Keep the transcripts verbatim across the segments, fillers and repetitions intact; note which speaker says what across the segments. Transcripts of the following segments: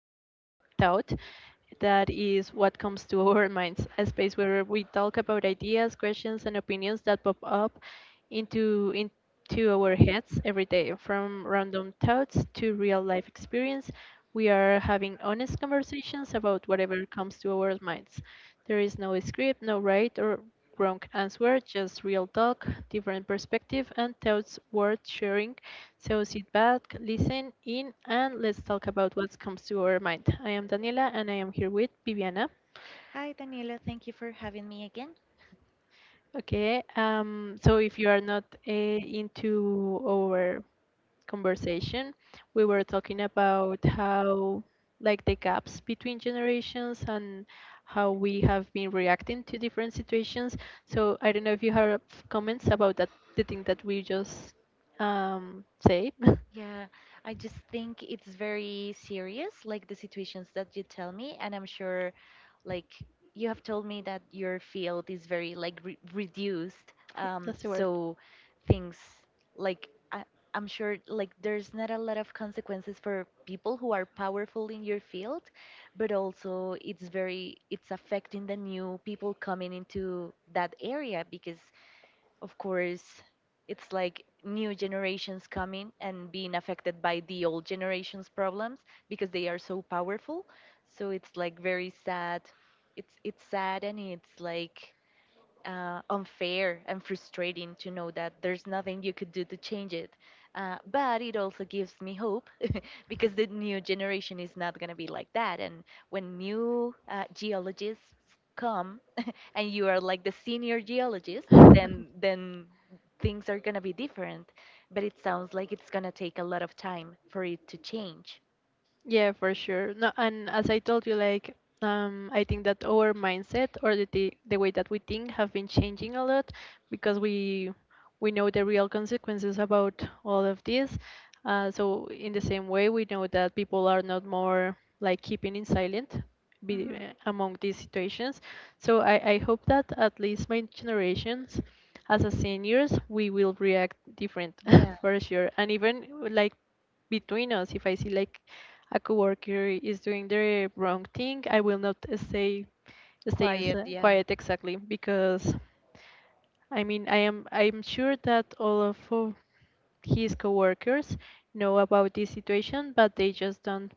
Speaker 1: without a doubt that is what comes to our minds, a space where we talk about ideas, questions and opinions that pop up into into our heads every day, from random thoughts to real life experience. We are having honest conversations about whatever comes to our minds. There is no script, no right or wrong answer, just real talk, different perspective and thoughts worth sharing. So sit back, listen in, and let's talk about what comes to our mind. I am Daniela, and I am here with Viviana.
Speaker 2: Hi, Daniela. Thank you for having me again.
Speaker 1: Okay. Um. So if you are not uh, into our conversation, we were talking about how, like, the gaps between generations and how we have been reacting to different situations. So I don't know if you have comments about that, the thing that we just um say.
Speaker 2: Yeah, I just think it's very serious, like the situations that you tell me, and I'm sure, like you have told me that your field is very like re reduced. Um,
Speaker 1: That's the word.
Speaker 2: so things like I, I'm sure like there's not a lot of consequences for people who are powerful in your field, but also it's very it's affecting the new people coming into that area because of course, it's like new generations coming and being affected by the old generation's problems because they are so powerful. So it's like very sad. It's it's sad and it's like uh, unfair and frustrating to know that there's nothing you could do to change it. Uh, but it also gives me hope because the new generation is not gonna be like that. And when new uh, geologists come and you are like the senior geologist,
Speaker 1: Mhm.
Speaker 2: then then things are gonna be different. But it sounds like it's gonna take a lot of time for it to change.
Speaker 1: Yeah, for sure. No, and as I told you, like um, I think that our mindset, or the, the the way that we think, have been changing a lot because we we know the real consequences about all of this. Uh, so in the same way, we know that people are not more like keeping in silent be,
Speaker 2: hmm
Speaker 1: among these situations. So I, I hope that at least my generations, as a seniors, we will react different
Speaker 2: Yeah.
Speaker 1: for sure. And even like between us, if I see like a coworker is doing the wrong thing, I will not stay stay
Speaker 2: Quiet.
Speaker 1: insi-
Speaker 2: Yeah.
Speaker 1: quiet exactly because I mean I am I'm sure that all of uh, his coworkers know about this situation, but they just don't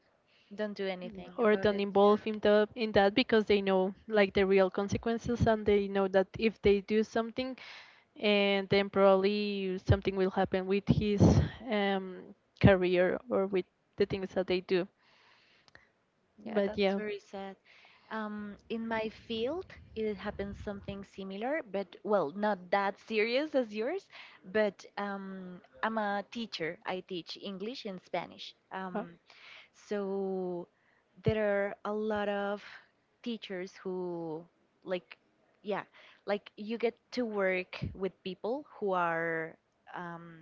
Speaker 2: Don't do anything
Speaker 1: or
Speaker 2: about
Speaker 1: don't
Speaker 2: it.
Speaker 1: involve in the in that because they know like the real consequences and they know that if they do something and then probably something will happen with his um, career or with the things that they do.
Speaker 2: Yeah. Yeah,
Speaker 1: But
Speaker 2: that's
Speaker 1: yeah.
Speaker 2: very sad. Um, in my field, it happened something similar, but well, not that serious as yours. But um, I'm a teacher. I teach English and Spanish.
Speaker 1: Wow.
Speaker 2: Um, So there are a lot of teachers who like yeah, like you get to work with people who are um,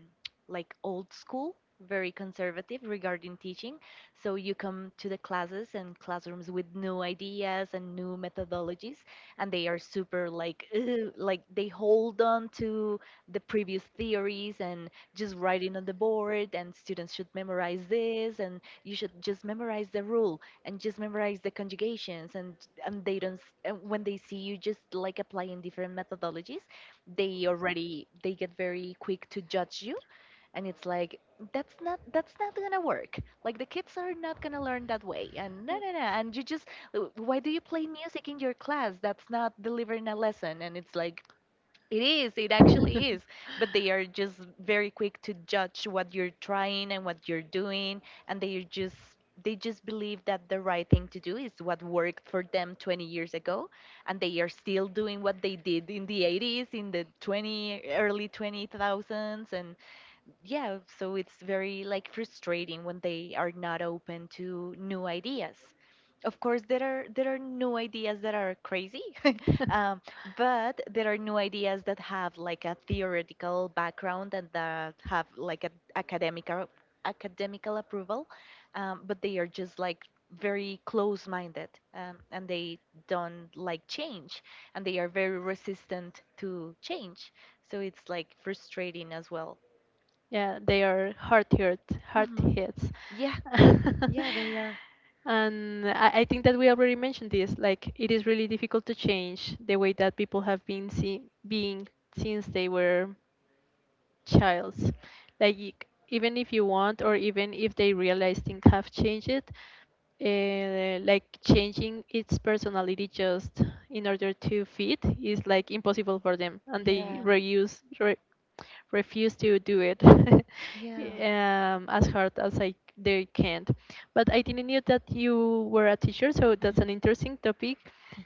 Speaker 2: like old school, very conservative regarding teaching. So you come to the classes and classrooms with new ideas and new methodologies, and they are super like "Ugh," like they hold on to the previous theories and just writing on the board, and students should memorize this, and you should just memorize the rule and just memorize the conjugations, and and they don't s- and when they see you just like applying different methodologies, they already they get very quick to judge you, and it's like that's not that's not gonna work, like the kids are not gonna learn that way, and no no no, and you just, "Uh, why do you play music in your class? That's not delivering a lesson." And it's like it is, it actually is. But they are just very quick to judge what you're trying and what you're doing, and they are just, they just believe that the right thing to do is what worked for them twenty years ago, and they are still doing what they did in the eighties, in the twenty early two thousands, and yeah, so it's very like frustrating when they are not open to new ideas. Of course, there are there are new ideas that are crazy, um, but there are new ideas that have like a theoretical background and that have like an academic or- academical approval, um, but they are just like very close-minded, um, and they don't like change, and they are very resistant to change. So it's like frustrating as well.
Speaker 1: Yeah, they are hard hit, hard
Speaker 2: hmm
Speaker 1: hits.
Speaker 2: Yeah, yeah, they are.
Speaker 1: And I, I think that we already mentioned this, like it is really difficult to change the way that people have been see, being since they were childs. Like y- Even if you want, or even if they realize things have changed, uh, like changing its personality just in order to fit is like impossible for them, and they
Speaker 2: Yeah,
Speaker 1: reuse re- refuse to do it
Speaker 2: yeah.
Speaker 1: um, as hard as I they can. But I didn't know that you were a teacher, so that's an interesting topic.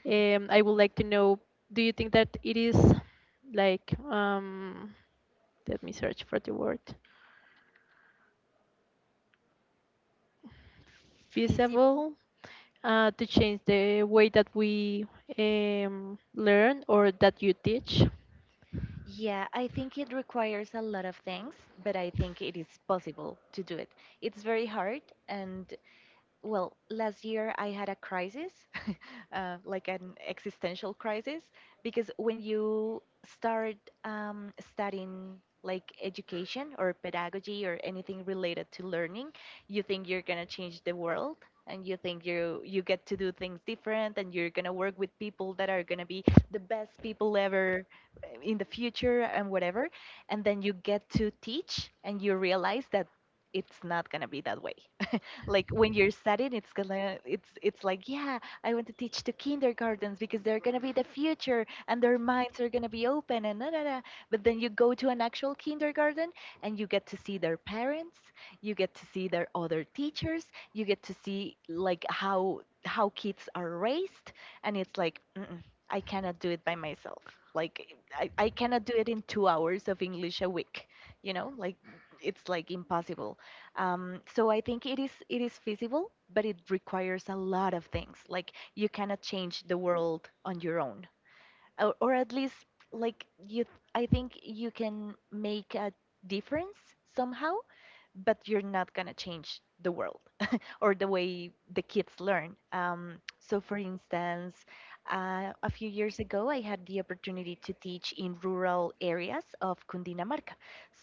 Speaker 1: Um, I would like to know, do you think that it is like um, let me search for the word
Speaker 2: Feasible.
Speaker 1: feasible uh, to change the way that we um, learn or that you teach.
Speaker 2: Yeah, I think it requires a lot of things, but I think it is possible to do it. It's very hard. And well, last year I had a crisis, uh, like an existential crisis, because when you start um, studying like education or pedagogy or anything related to learning, you think you're going to change the world, and you think you you get to do things different, and you're going to work with people that are going to be the best people ever uh, in the future and whatever, and then you get to teach and you realize that it's not going to be that way. Like when you're studying it's gonna it's it's like yeah, I want to teach to kindergartens because they're gonna be the future and their minds are gonna be open and da, da, da. But then you go to an actual kindergarten, and you get to see their parents, you get to see their other teachers, you get to see like how how kids are raised, and it's like Mm-mm, I cannot do it by myself. Like I, I cannot do it in two hours of english a week, you know, like it's like impossible. Um, so I think it is it is feasible, but it requires a lot of things. Like you cannot change the world on your own, or, or at least like you. I think you can make a difference somehow, but you're not gonna change the world or the way the kids learn. Um, so, for instance, uh, a few years ago, I had the opportunity to teach in rural areas of Cundinamarca.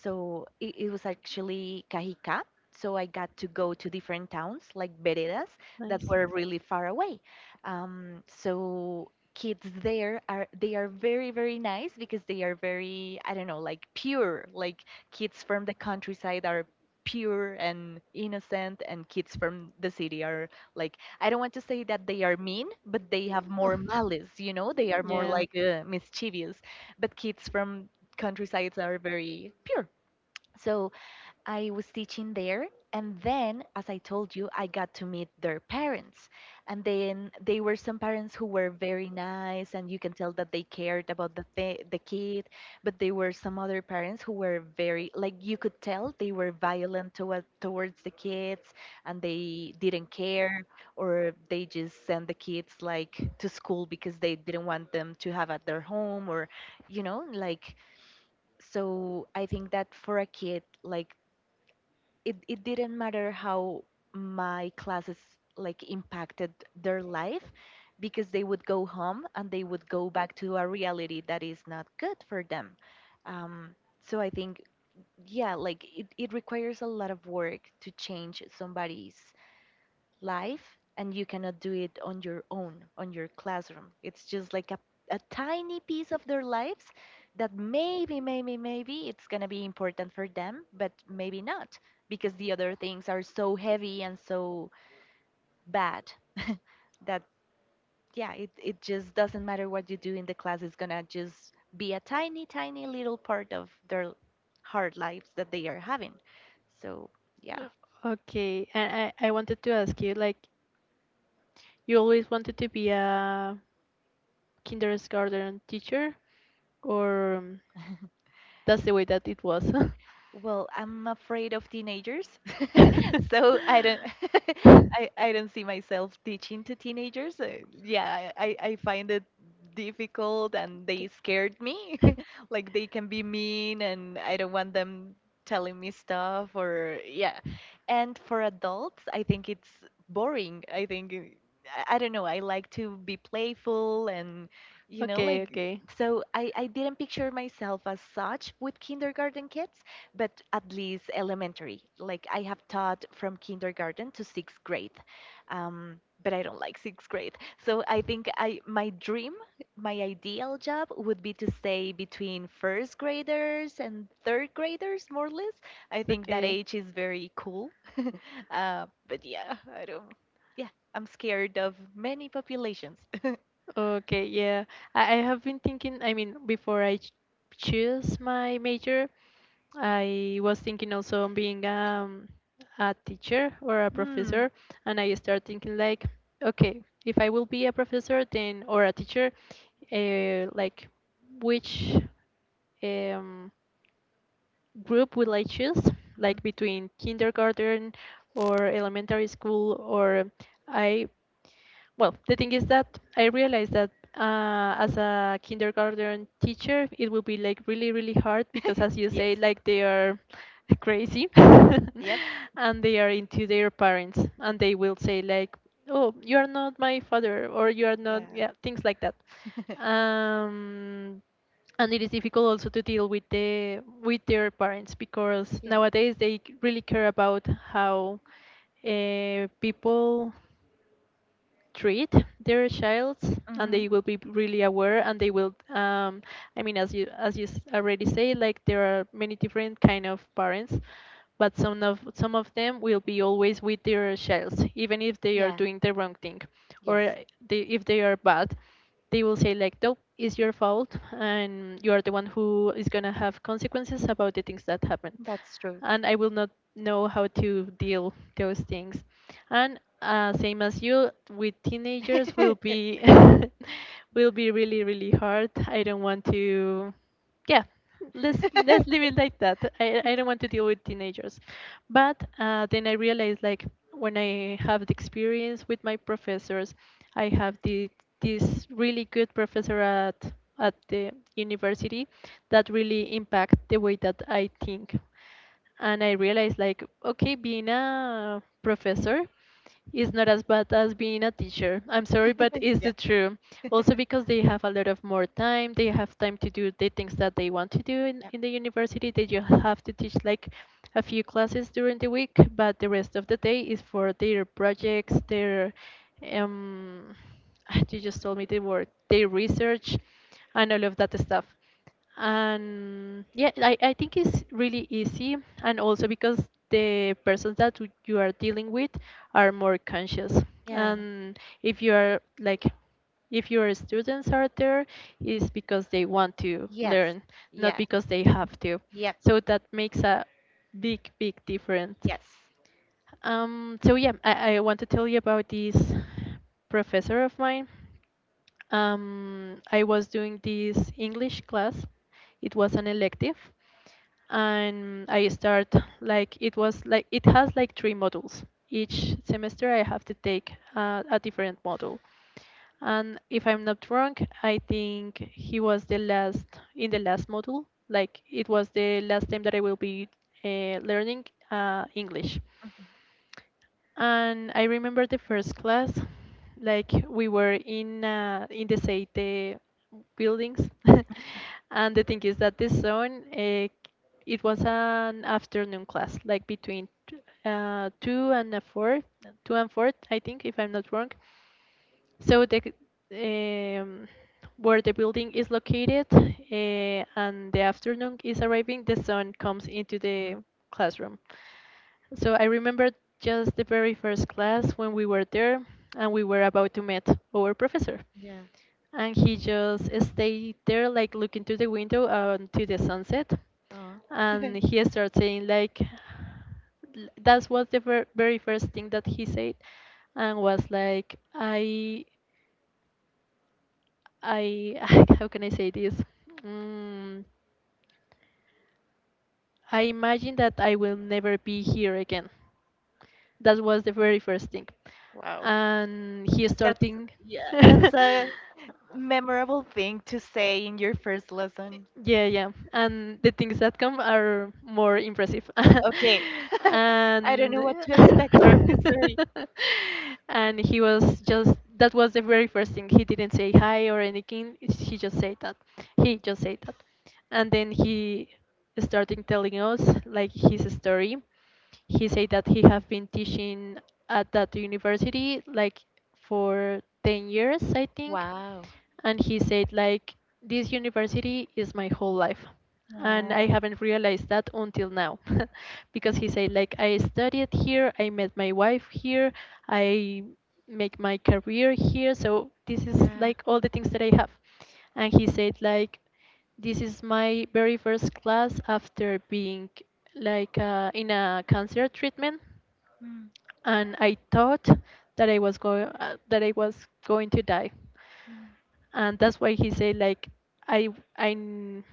Speaker 2: So, it, it was actually Cajica. So, I got to go to different towns like veredas that
Speaker 1: Nice.
Speaker 2: were really far away. Um, so, kids there are they are very very nice because they are very, I don't know, like pure. Like kids from the countryside are pure and innocent, and kids from the city are like, I don't want to say that they are mean, but they have more malice, you know, they are more
Speaker 1: Yeah.
Speaker 2: like uh, mischievous, but kids from countrysides are very pure. So I was teaching there. And then, as I told you, I got to meet their parents. And then they were some parents who were very nice, and you can tell that they cared about the, th- the kid. But there were some other parents who were very, like, you could tell they were violent toward towards the kids, and they didn't care, or they just sent the kids, like, to school because they didn't want them to have at their home, or, you know, like, so I think that for a kid, like, it it didn't matter how my classes like impacted their life, because they would go home and they would go back to a reality that is not good for them. Um, so I think Yeah, like it, it requires a lot of work to change somebody's live, and you cannot do it on your own, on your classroom. It's just like a, a tiny piece of their lives that maybe, maybe, maybe it's going to be important for them, but maybe not, because the other things are so heavy and so bad that, yeah, it, it just doesn't matter what you do in the class. It's going to just be a tiny, tiny little part of their hard lives that they are having. So, yeah.
Speaker 1: Uh, Okay, and I, I wanted to ask you, like, you always wanted to be a kindergarten teacher, or um, that's the way that it was?
Speaker 2: Well, I'm afraid of teenagers, so I don't, I, I don't see myself teaching to teenagers. Uh, yeah, I, I I find it difficult, and
Speaker 1: Okay.
Speaker 2: they scared me. Like they can be mean, and I don't want them telling me stuff or yeah. And for adults, I think it's boring. I think uh, I I don't know. I like to be playful and you know
Speaker 1: Okay,
Speaker 2: like,
Speaker 1: okay.
Speaker 2: so I I didn't picture myself as such with kindergarten kids, but at least elementary. Like I have taught from kindergarten to sixth grade, um, but I don't like sixth grade. So I think I my dream, my ideal job would be to stay between first graders and third graders, more or less. I think that
Speaker 1: Okay.
Speaker 2: age is very cool. Uh, but yeah, I don't. Yeah, I'm scared of many populations.
Speaker 1: Okay, yeah. I, I have been thinking, I mean, before I ch choose my major, I was thinking also on being um, a teacher or a
Speaker 2: Hmm.
Speaker 1: professor, and I start thinking like, okay, if I will be a professor then or a teacher, uh, like which um group will I choose?
Speaker 2: Mhm.
Speaker 1: Like between kindergarten or elementary school, or I, well, the thing is that I realized that uh, as a kindergarten teacher, it will be like really, really hard because, as you
Speaker 2: Yes.
Speaker 1: say, like they are crazy and they are into their parents and they will say, like, oh,
Speaker 2: Yep.
Speaker 1: you are not my father or you are not,
Speaker 2: Yeah.
Speaker 1: yeah, things like that. Um, and it is difficult also to deal with the with their parents because nowadays they c- really care about how uh, people treat their child, and they will be really aware, and they will um, I mean, as you as you s- already say, like there are many different kind of parents, but some of some of them will be always with their child even if they are doing the wrong thing or they, if they are bad, they will say like nope, it's your fault and you are the one who is going to have consequences about the things that happen,
Speaker 2: That's true.
Speaker 1: and I will not know how to deal those things. And uh, same as you, with teenagers will be will be really really hard. I don't want to. Yeah, let's let's leave it like that. I I don't want to deal with teenagers, but uh, then I realized like when I have the experience with my professors, I have the this really good professor at at the university that really impact the way that I think, and I realized like, okay, being a professor is not as bad as being a teacher. I'm sorry, but it's the truth. Also because they have a lot of more time, they have time to do the things that they want to do in, in the university. They just have to teach like a few classes during the week, but the rest of the day is for their projects, their um you just told me the word, their research and all of that stuff. And yeah, I, I think it's really easy, and also because the persons that w- you are dealing with are more conscious,
Speaker 2: Yeah. Yeah.
Speaker 1: and if you are like if your students are there is because they want to
Speaker 2: Yes.
Speaker 1: learn, not
Speaker 2: Yeah.
Speaker 1: because they have to,
Speaker 2: Yep.
Speaker 1: so that makes a big big difference.
Speaker 2: Yes.
Speaker 1: Um, so yeah, I, I want to tell you about this professor of mine. Um, I was doing this English class. It was an elective, and I start like it was like it has like three modules. Each semester, I have to take uh, a different module. And if I'm not wrong, I think he was the last in the last module. Like it was the last time that I will be uh, learning uh, English.
Speaker 2: Hmm.
Speaker 1: And I remember the first class, like we were in uh, in the Seite buildings, and the thing is that this zone, uh, it was an afternoon class, like between t- uh, two and a four, two and four, I think, if I'm not wrong. So the um, where the building is located, uh, and the afternoon is arriving, the sun comes into
Speaker 2: Mhm.
Speaker 1: the classroom. So I remember just the very first class when we were there and we were about to meet our professor.
Speaker 2: Yeah.
Speaker 1: And he just stayed there, like looking to the window and to the sunset.
Speaker 2: Oh,
Speaker 1: And he started saying, like, l- that was the ver- very first thing that he said, and was like i i how can I say this, mm, I imagine that I will never be here again. That was the very first thing.
Speaker 2: wow.
Speaker 1: And he
Speaker 2: That's
Speaker 1: starting
Speaker 2: yeah, that's a memorable thing to say in your first lesson?
Speaker 1: Yeah, yeah. And the things that come are more impressive.
Speaker 2: Okay. I don't
Speaker 1: And
Speaker 2: know what to expect from this story.
Speaker 1: and he was just that was the very first thing. He didn't say hi or anything. He just said that. He just said that. And then he started telling us like his story. He said that he have been teaching at that university like for ten years, I think,
Speaker 2: Wow.
Speaker 1: and he said like this university is my whole life, and I
Speaker 2: Aw.
Speaker 1: haven't realized that until now because he said like I studied here, I met my wife here, I make my career here, so this is like all the things that I have. And he said like this is my very first class after being like uh, in a cancer treatment,
Speaker 2: Mm,
Speaker 1: and I thought that I was going uh, that I was going to die,
Speaker 2: mm,
Speaker 1: and that's why he said like i i n-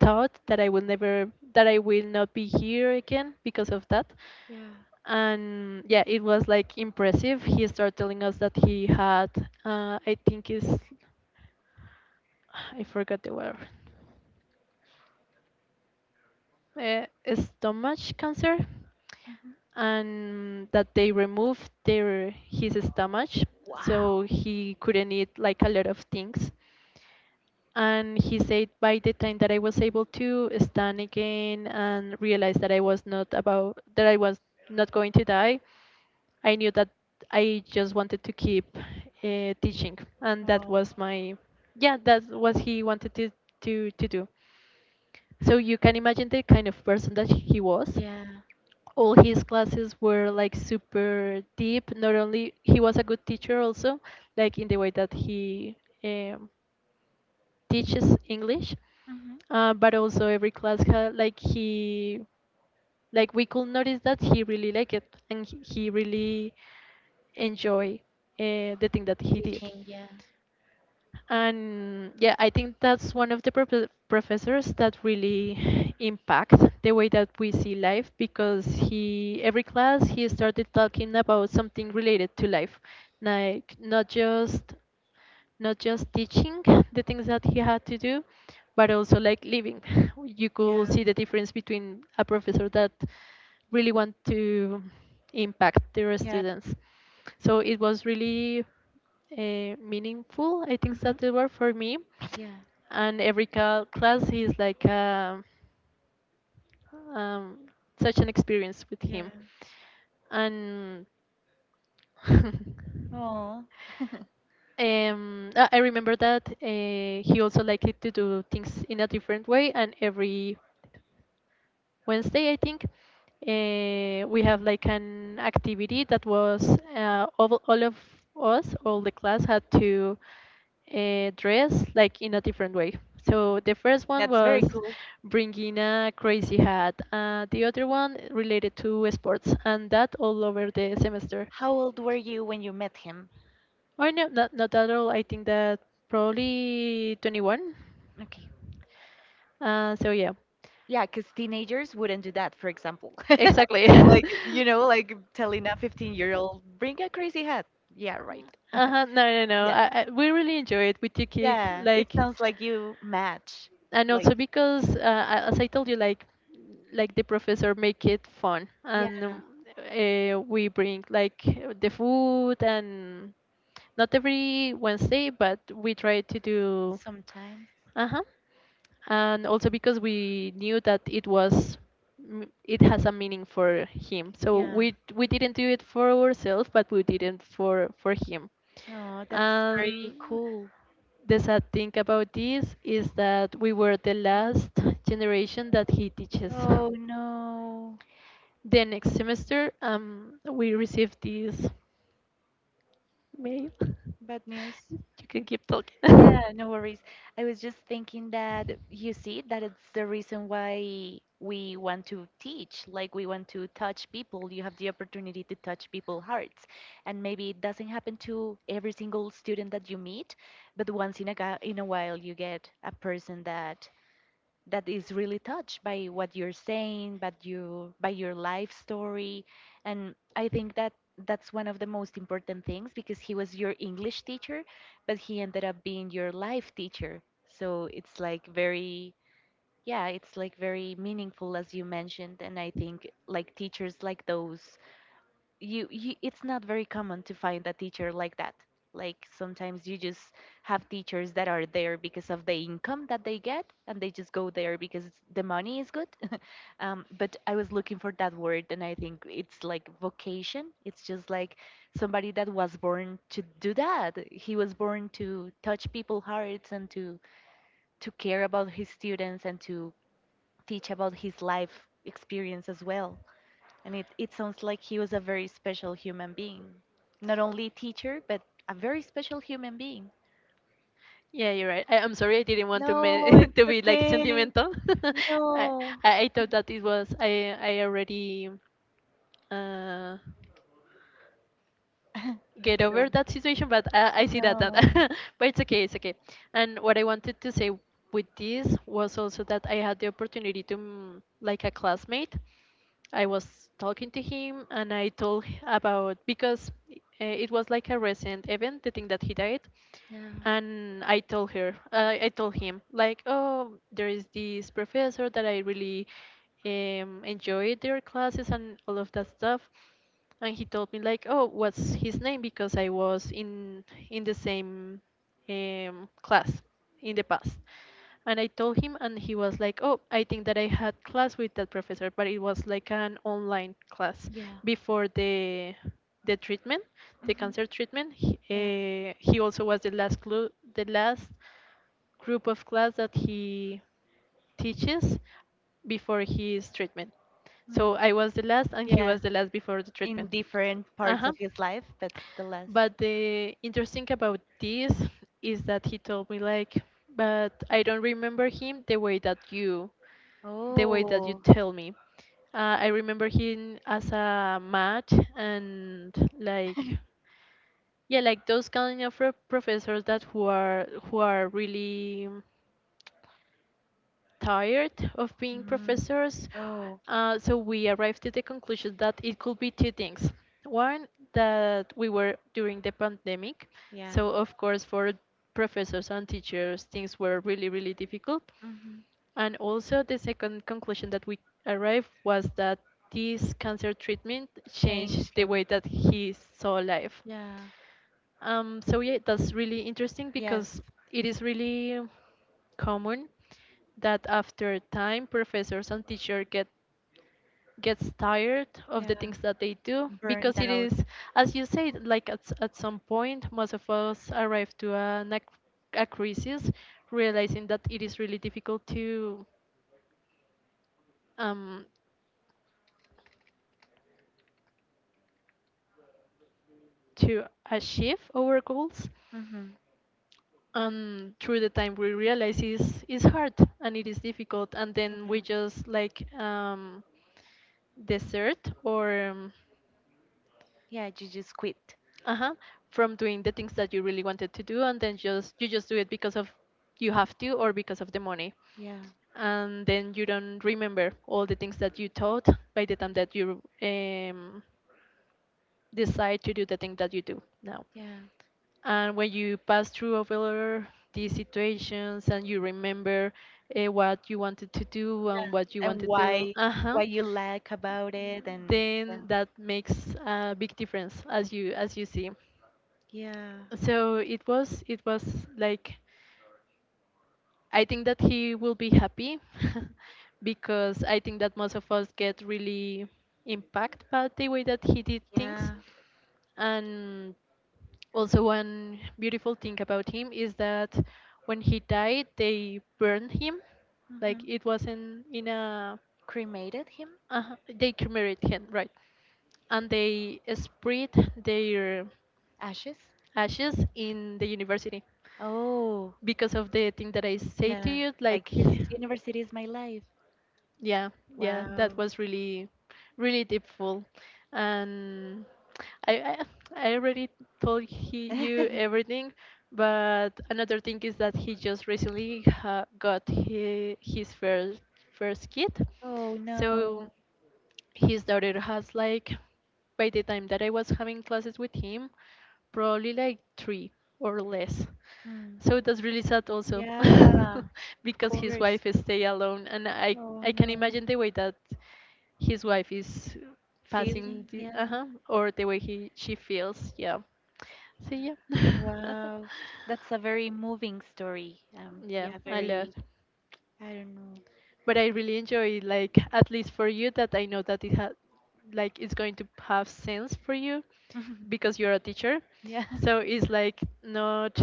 Speaker 1: thought that I will never, that I will not be here again because of that.
Speaker 2: yeah.
Speaker 1: And yeah, it was like impressive. He started telling us that he had uh, I think is I forgot the word, uh, stomach cancer,
Speaker 2: Mhm.
Speaker 1: and that they removed their his stomach,
Speaker 2: Wow.
Speaker 1: so he couldn't eat like a lot of things. And he said by the time that I was able to stand again and realize that I was not about that I was not going to die, I knew that I just wanted to keep uh, teaching, and that
Speaker 2: Um,
Speaker 1: was my yeah, that was he wanted to to to do. So you can imagine the kind of person that he was.
Speaker 2: yeah.
Speaker 1: All his classes were like super deep. Not only he was a good teacher, also like in the way that he um, teaches English,
Speaker 2: Mhm.
Speaker 1: uh, but also every class had like he like we could notice that he really liked it, and he he really enjoy uh, the thing that he did.
Speaker 2: Teaching. Yeah.
Speaker 1: And yeah, I think that's one of the prof- professors that really impact the way that we see life, because he every class he started talking about something related to life, like not just not just teaching the things that he had to do, but also like living. You could
Speaker 2: Yeah.
Speaker 1: see the difference between a professor that really want to impact their
Speaker 2: Yeah.
Speaker 1: students. So it was really uh, meaningful, I think
Speaker 2: Mhm.
Speaker 1: that's the word for me.
Speaker 2: Yeah.
Speaker 1: And every ca- class is like a, um, such an experience with him.
Speaker 2: Yeah.
Speaker 1: And
Speaker 2: Oh,
Speaker 1: um, uh, I remember that uh, he also liked it to do things in a different way, and every Wednesday, I think, uh, we have like an activity that was uh, all, all of us, all the class had to uh, dress like in a different way. So the first one
Speaker 2: that's very
Speaker 1: was
Speaker 2: cool.
Speaker 1: bringing a crazy hat. Uh, the other one related to sports, and that all over the semester.
Speaker 2: How old were you when you met him?
Speaker 1: Or no, not, not at all. I think that probably twenty-one.
Speaker 2: Okay.
Speaker 1: Uh, so yeah,
Speaker 2: Yeah, because teenagers wouldn't do that, for example.
Speaker 1: exactly.
Speaker 2: Like, you know, like telling a fifteen-year-old, bring a crazy hat. Yeah, right.
Speaker 1: Uh-huh, no, no, no.
Speaker 2: Yeah.
Speaker 1: I, I, we really enjoy it. We took it
Speaker 2: Yeah, it
Speaker 1: like,
Speaker 2: sounds like you match.
Speaker 1: and
Speaker 2: Like,
Speaker 1: also because, uh, as I told you, like, like the professor make it fun, and
Speaker 2: yeah,
Speaker 1: uh, we bring like the food and not every Wednesday, but we try to do.
Speaker 2: sometimes.
Speaker 1: Uh huh. And also because we knew that it was m- it has a meaning for him, so
Speaker 2: Yeah.
Speaker 1: we we didn't do it for ourselves, but we did it for for him.
Speaker 2: Oh, that's
Speaker 1: And
Speaker 2: very cool.
Speaker 1: the sad thing about this is that we were the last generation that he teaches.
Speaker 2: Oh no,
Speaker 1: The next semester, um we received this mail.
Speaker 2: bad news.
Speaker 1: You can keep talking.
Speaker 2: Yeah, no worries. I was just thinking that you see that it's the reason why we want to teach, like we want to touch people. You have the opportunity to touch people's hearts. And maybe it doesn't happen to every single student that you meet, but once in a ga- in a while you get a person that that is really touched by what you're saying, but you by your life story, and I think that that's one of the most important things, because he was your English teacher, but he ended up being your life teacher. So it's like very, yeah, it's like very meaningful as you mentioned, and I think like teachers like those you, you it's not very common to find a teacher like that. Like sometimes you just have teachers that are there because of the income that they get and they just go there because it's- the money is good. Um, but I was looking for that word and I think it's like vocation. It's just like somebody that was born to do that. He was born to touch people's hearts and to to care about his students and to teach about his life experience as well. And it, it sounds like he was a very special human being. Not only a teacher, but a very special human being.
Speaker 1: Yeah, you're right. I, I'm sorry, I didn't want to
Speaker 2: No,
Speaker 1: ma- to
Speaker 2: it's
Speaker 1: be like
Speaker 2: okay.
Speaker 1: sentimental. I,
Speaker 2: No.
Speaker 1: I I thought that it was I I already uh get over that situation, but I, I see that that but it's okay, it's okay. And what I wanted to say with this was also that I had the opportunity to mm, like a classmate I was talking to him, and I told h- about because uh, it was like a recent event, the thing that he died,
Speaker 2: Yeah,
Speaker 1: and I told her, uh, I told him like, oh, there is this professor that I really um, enjoyed their classes and all of that stuff, and he told me like, oh, what's his name? Because I was in in the same um, class in the past, and I told him, and he was like, "Oh, I think that I had class with that professor, but it was like an online class
Speaker 2: yeah,
Speaker 1: before the the treatment, the cancer treatment. He,
Speaker 2: yeah.
Speaker 1: uh, he also was the last clue, the last group of class that he teaches before his treatment. So
Speaker 2: Hmm.
Speaker 1: I was the last, and he
Speaker 2: Yeah,
Speaker 1: was the last before the
Speaker 2: in
Speaker 1: treatment.
Speaker 2: different
Speaker 1: Uh
Speaker 2: parts
Speaker 1: huh.
Speaker 2: of his life, but the last.
Speaker 1: But the interesting about this is that he told me like, but I don't remember him the way that you, the way that you
Speaker 2: Oh.
Speaker 1: tell me. Uh, I remember him as a match and like, yeah, like those kind of pro- professors that who are who are really tired of being
Speaker 2: Mm.
Speaker 1: professors.
Speaker 2: Oh,
Speaker 1: Uh, so we arrived to the conclusion that it could be two things. One, that we were during the pandemic,
Speaker 2: yeah.
Speaker 1: so of course, for professors and teachers, things were really, really difficult.
Speaker 2: Hmm.
Speaker 1: And also, the second conclusion that we arrived was that this cancer treatment changed
Speaker 2: Changed
Speaker 1: the way
Speaker 2: him.
Speaker 1: that he saw life.
Speaker 2: Yeah.
Speaker 1: Um, so yeah, that's really interesting
Speaker 2: Yes.
Speaker 1: because it is really common that after time professors and teacher get gets tired of the
Speaker 2: Yeah.
Speaker 1: things that they do, because
Speaker 2: Burned
Speaker 1: it
Speaker 2: out.
Speaker 1: is, as you said, like at s- at some point most of us arrive to an, ac- a crisis, realizing that it is really difficult to um, to achieve our goals.
Speaker 2: Mm-hmm.
Speaker 1: And through the time we realize it's, it's hard and it is difficult, and then
Speaker 2: Yeah.
Speaker 1: we just like um, desert or um,
Speaker 2: Yeah, you just quit.
Speaker 1: uh-huh, from doing the things that you really wanted to do, and then just you just do it because of you have to or because of the money.
Speaker 2: Yeah.
Speaker 1: And then you don't remember all the things that you taught by the time that you um, decide to do the thing that you do now.
Speaker 2: Yeah.
Speaker 1: And when you pass through over these situations and you remember uh, what you wanted to do
Speaker 2: Yeah.
Speaker 1: and what you
Speaker 2: And
Speaker 1: wanted to,
Speaker 2: why
Speaker 1: uh-huh,
Speaker 2: why you like about it and yeah.
Speaker 1: then that makes a big difference, as you as you see.
Speaker 2: Yeah.
Speaker 1: So it was it was like. I think that he will be happy because I think that most of us get really impacted by the way that he did things.
Speaker 2: Yeah.
Speaker 1: And also, one beautiful thing about him is that when he died, they burned him. Like it wasn't in a.
Speaker 2: Cremated him?
Speaker 1: Uh, they cremated him, right? And they spread their
Speaker 2: Ashes?
Speaker 1: ashes in the university
Speaker 2: Oh,
Speaker 1: because of the thing that I say to
Speaker 2: yeah.
Speaker 1: you,
Speaker 2: Like
Speaker 1: like
Speaker 2: this university is my life.
Speaker 1: yeah, yeah, that
Speaker 2: Wow.
Speaker 1: was really really deepful. And I, I I already told he, you everything, but another thing is that he just recently ha, got he, his first first kid.
Speaker 2: Oh
Speaker 1: So
Speaker 2: no.
Speaker 1: his daughter has like, by the time that I was having classes with him, probably like three or less.
Speaker 2: Hmm.
Speaker 1: So it was really sad also.
Speaker 2: Yeah. Of
Speaker 1: Because his
Speaker 2: course.
Speaker 1: wife stay alone, and I
Speaker 2: Oh
Speaker 1: I can
Speaker 2: no.
Speaker 1: imagine the way that his wife is passing
Speaker 2: Feeling,
Speaker 1: the,
Speaker 2: yeah.
Speaker 1: uh-huh, or the way he she feels. Yeah. So yeah.
Speaker 2: Wow. That's a very moving story. Um,
Speaker 1: Yeah,
Speaker 2: yeah,
Speaker 1: I lot.
Speaker 2: very, I don't know.
Speaker 1: But I really enjoy, like, at least for you, that I know that it ha- like it's going to have sense for you because you're a teacher.
Speaker 2: Yeah,
Speaker 1: So it's like not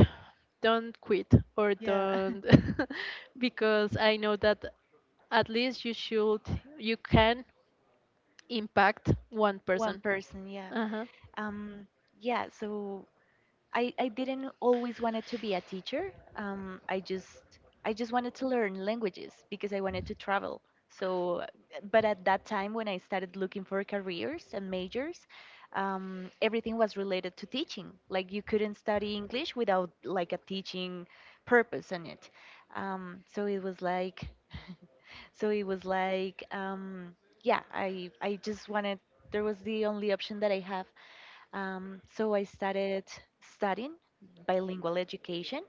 Speaker 1: don't quit or
Speaker 2: yeah.
Speaker 1: don't because I know that at least you should you can impact one
Speaker 2: One
Speaker 1: person.
Speaker 2: person, yeah.
Speaker 1: Uh-huh.
Speaker 2: Um, yeah, so I, I didn't always wanted to be a teacher. Um, I just I just wanted to learn languages because I wanted to travel. So, but at that time when I started looking for careers and majors, um, everything was related to teaching. Like you couldn't study English without like a teaching purpose in it. Um, so it was like so it was like um, Yeah, I I just wanted, there was the only option that I have. Um, so I started studying bilingual education,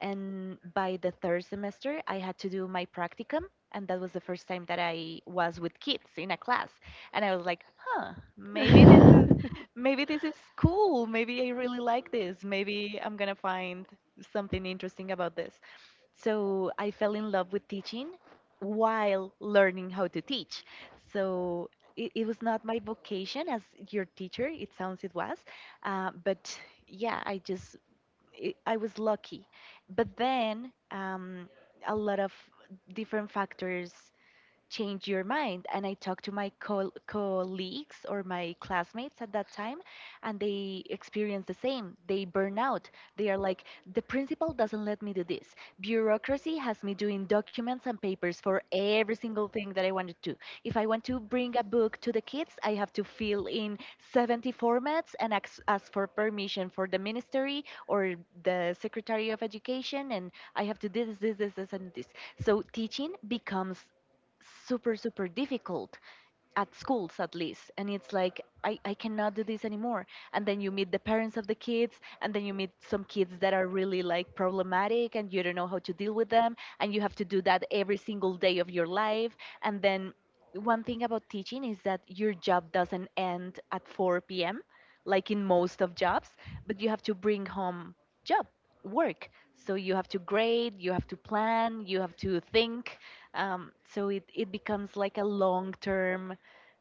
Speaker 2: and by the third semester, I had to do my practicum, and that was the first time that I was with kids in a class, and I was like, huh, maybe this is maybe this is cool. Maybe I really like this. Maybe I'm gonna find something interesting about this. So I fell in love with teaching while learning how to teach. So it, it was not my vocation as your teacher, it sounds it was. Uh, but yeah, I just, it, I was lucky. But then um, a lot of different factors change your mind. And I talked to my col colleagues or my classmates at that time, and they experience the same. They burn out. They are like, the principal doesn't let me do this. Bureaucracy has me doing documents and papers for every single thing that I want to do. If I want to bring a book to the kids, I have to fill in seventy formats and ask, ask for permission for the ministry or the secretary of education, and I have to do this, this, this, this, and this. So teaching becomes super super difficult at schools at least, and it's like I, I cannot do this anymore. And then you meet the parents of the kids and then you meet some kids that are really like problematic and you don't know how to deal with them, and you have to do that every single day of your life. And then one thing about teaching is that your job doesn't end at four p.m. like in most of jobs, but you have to bring home job, work. So you have to grade, you have to plan, you have to think. Um, so it, it becomes like a long term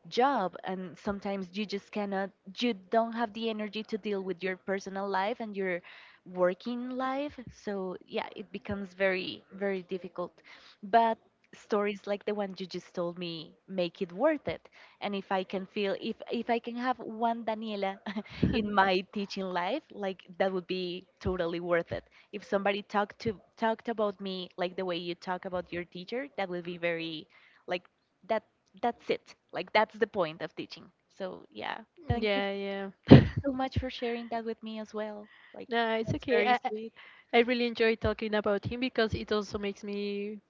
Speaker 2: job, and sometimes you just cannot, you don't have the energy to deal with your personal life and your working life. So yeah, it becomes very very difficult. But stories like the one you just told me make it worth it. And if I can feel if if I can have one Daniela in my teaching life, like that would be totally worth it. If somebody talked to talked about me like the way you talk about your teacher, that would be very, like, that that's it. Like that's the point of teaching. So yeah, thank you,
Speaker 1: Yeah, yeah.
Speaker 2: thank you so much for sharing that with me as well. Like
Speaker 1: No, it's
Speaker 2: that's
Speaker 1: okay.
Speaker 2: very
Speaker 1: I, I
Speaker 2: sweet.
Speaker 1: I really enjoy talking about him because it also makes me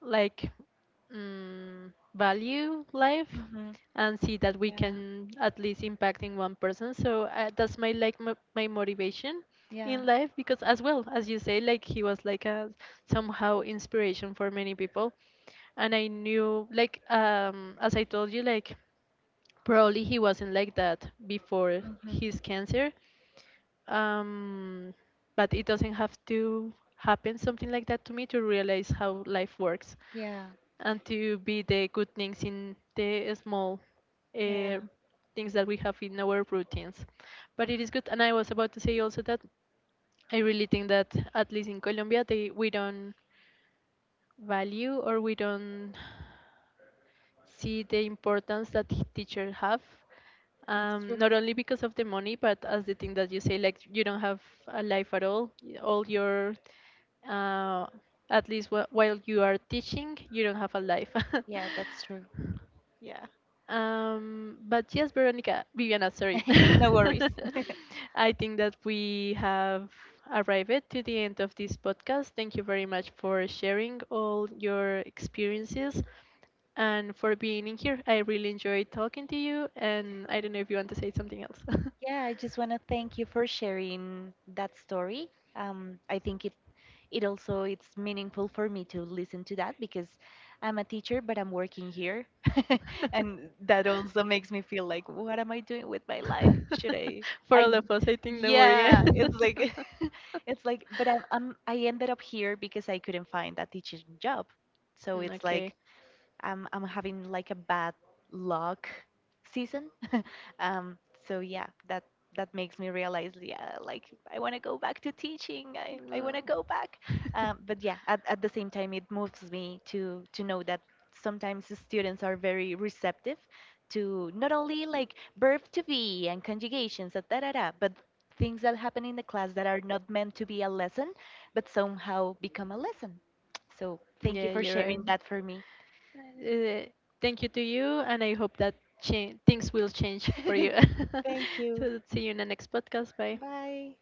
Speaker 1: like mm, value life
Speaker 2: Hmm.
Speaker 1: and see that we can at least impact in one person. So uh, that's my like m- my motivation
Speaker 2: Yeah,
Speaker 1: in life, because, as well as you say, like he was like a somehow inspiration for many people, and I knew like um as I told you, like probably he wasn't like that before his cancer. um, but it doesn't have to happen something like that to me to realize how life works
Speaker 2: yeah,
Speaker 1: and to be the good things in the small uh, things that we have in our routines. But it is good, and I was about to say also that I really think that at least in Colombia they we don't value or we don't see the importance that teachers have. Um, not only because of the money, but as the thing that you say, like you don't have a life at all. Y- All your, uh, at least wh- while you are teaching, you don't have a life.
Speaker 2: yeah.
Speaker 1: Um, but yes, Veronica, Viviana, sorry.
Speaker 2: No worries.
Speaker 1: I think that we have arrived to the end of this podcast. Thank you very much for sharing all your experiences and for being in here. I really enjoyed talking to you, and I don't know if you want to say something else.
Speaker 2: Yeah, I just want to thank you for sharing that story. Um, I think it it also it's meaningful for me to listen to that because I'm a teacher but I'm working here. And that also makes me feel like what am I doing with my life, should I
Speaker 1: For
Speaker 2: I
Speaker 1: all of us, I think, don't worry. Eh?
Speaker 2: yeah, it's like it's like but I'm, I'm I ended up here because I couldn't find a teaching job. So
Speaker 1: Mm,
Speaker 2: it's
Speaker 1: okay.
Speaker 2: like I'm I'm having like a bad luck season. um, so yeah, that that makes me realize, yeah, like I want to go back to teaching. I, I
Speaker 1: No.
Speaker 2: want to go back. Um, but yeah, at, at the same time, it moves me to to know that sometimes the students are very receptive to not only like verb to be and conjugations and da da da, but things that happen in the class that are not meant to be a lesson, but somehow become a lesson. So thank you
Speaker 1: Yeah,
Speaker 2: for
Speaker 1: you're right.
Speaker 2: sharing that for me.
Speaker 1: Uh, thank you to you, and I hope that cha- things will change for you.
Speaker 2: Thank you.
Speaker 1: So, see you in the next podcast. Bye.
Speaker 2: Bye.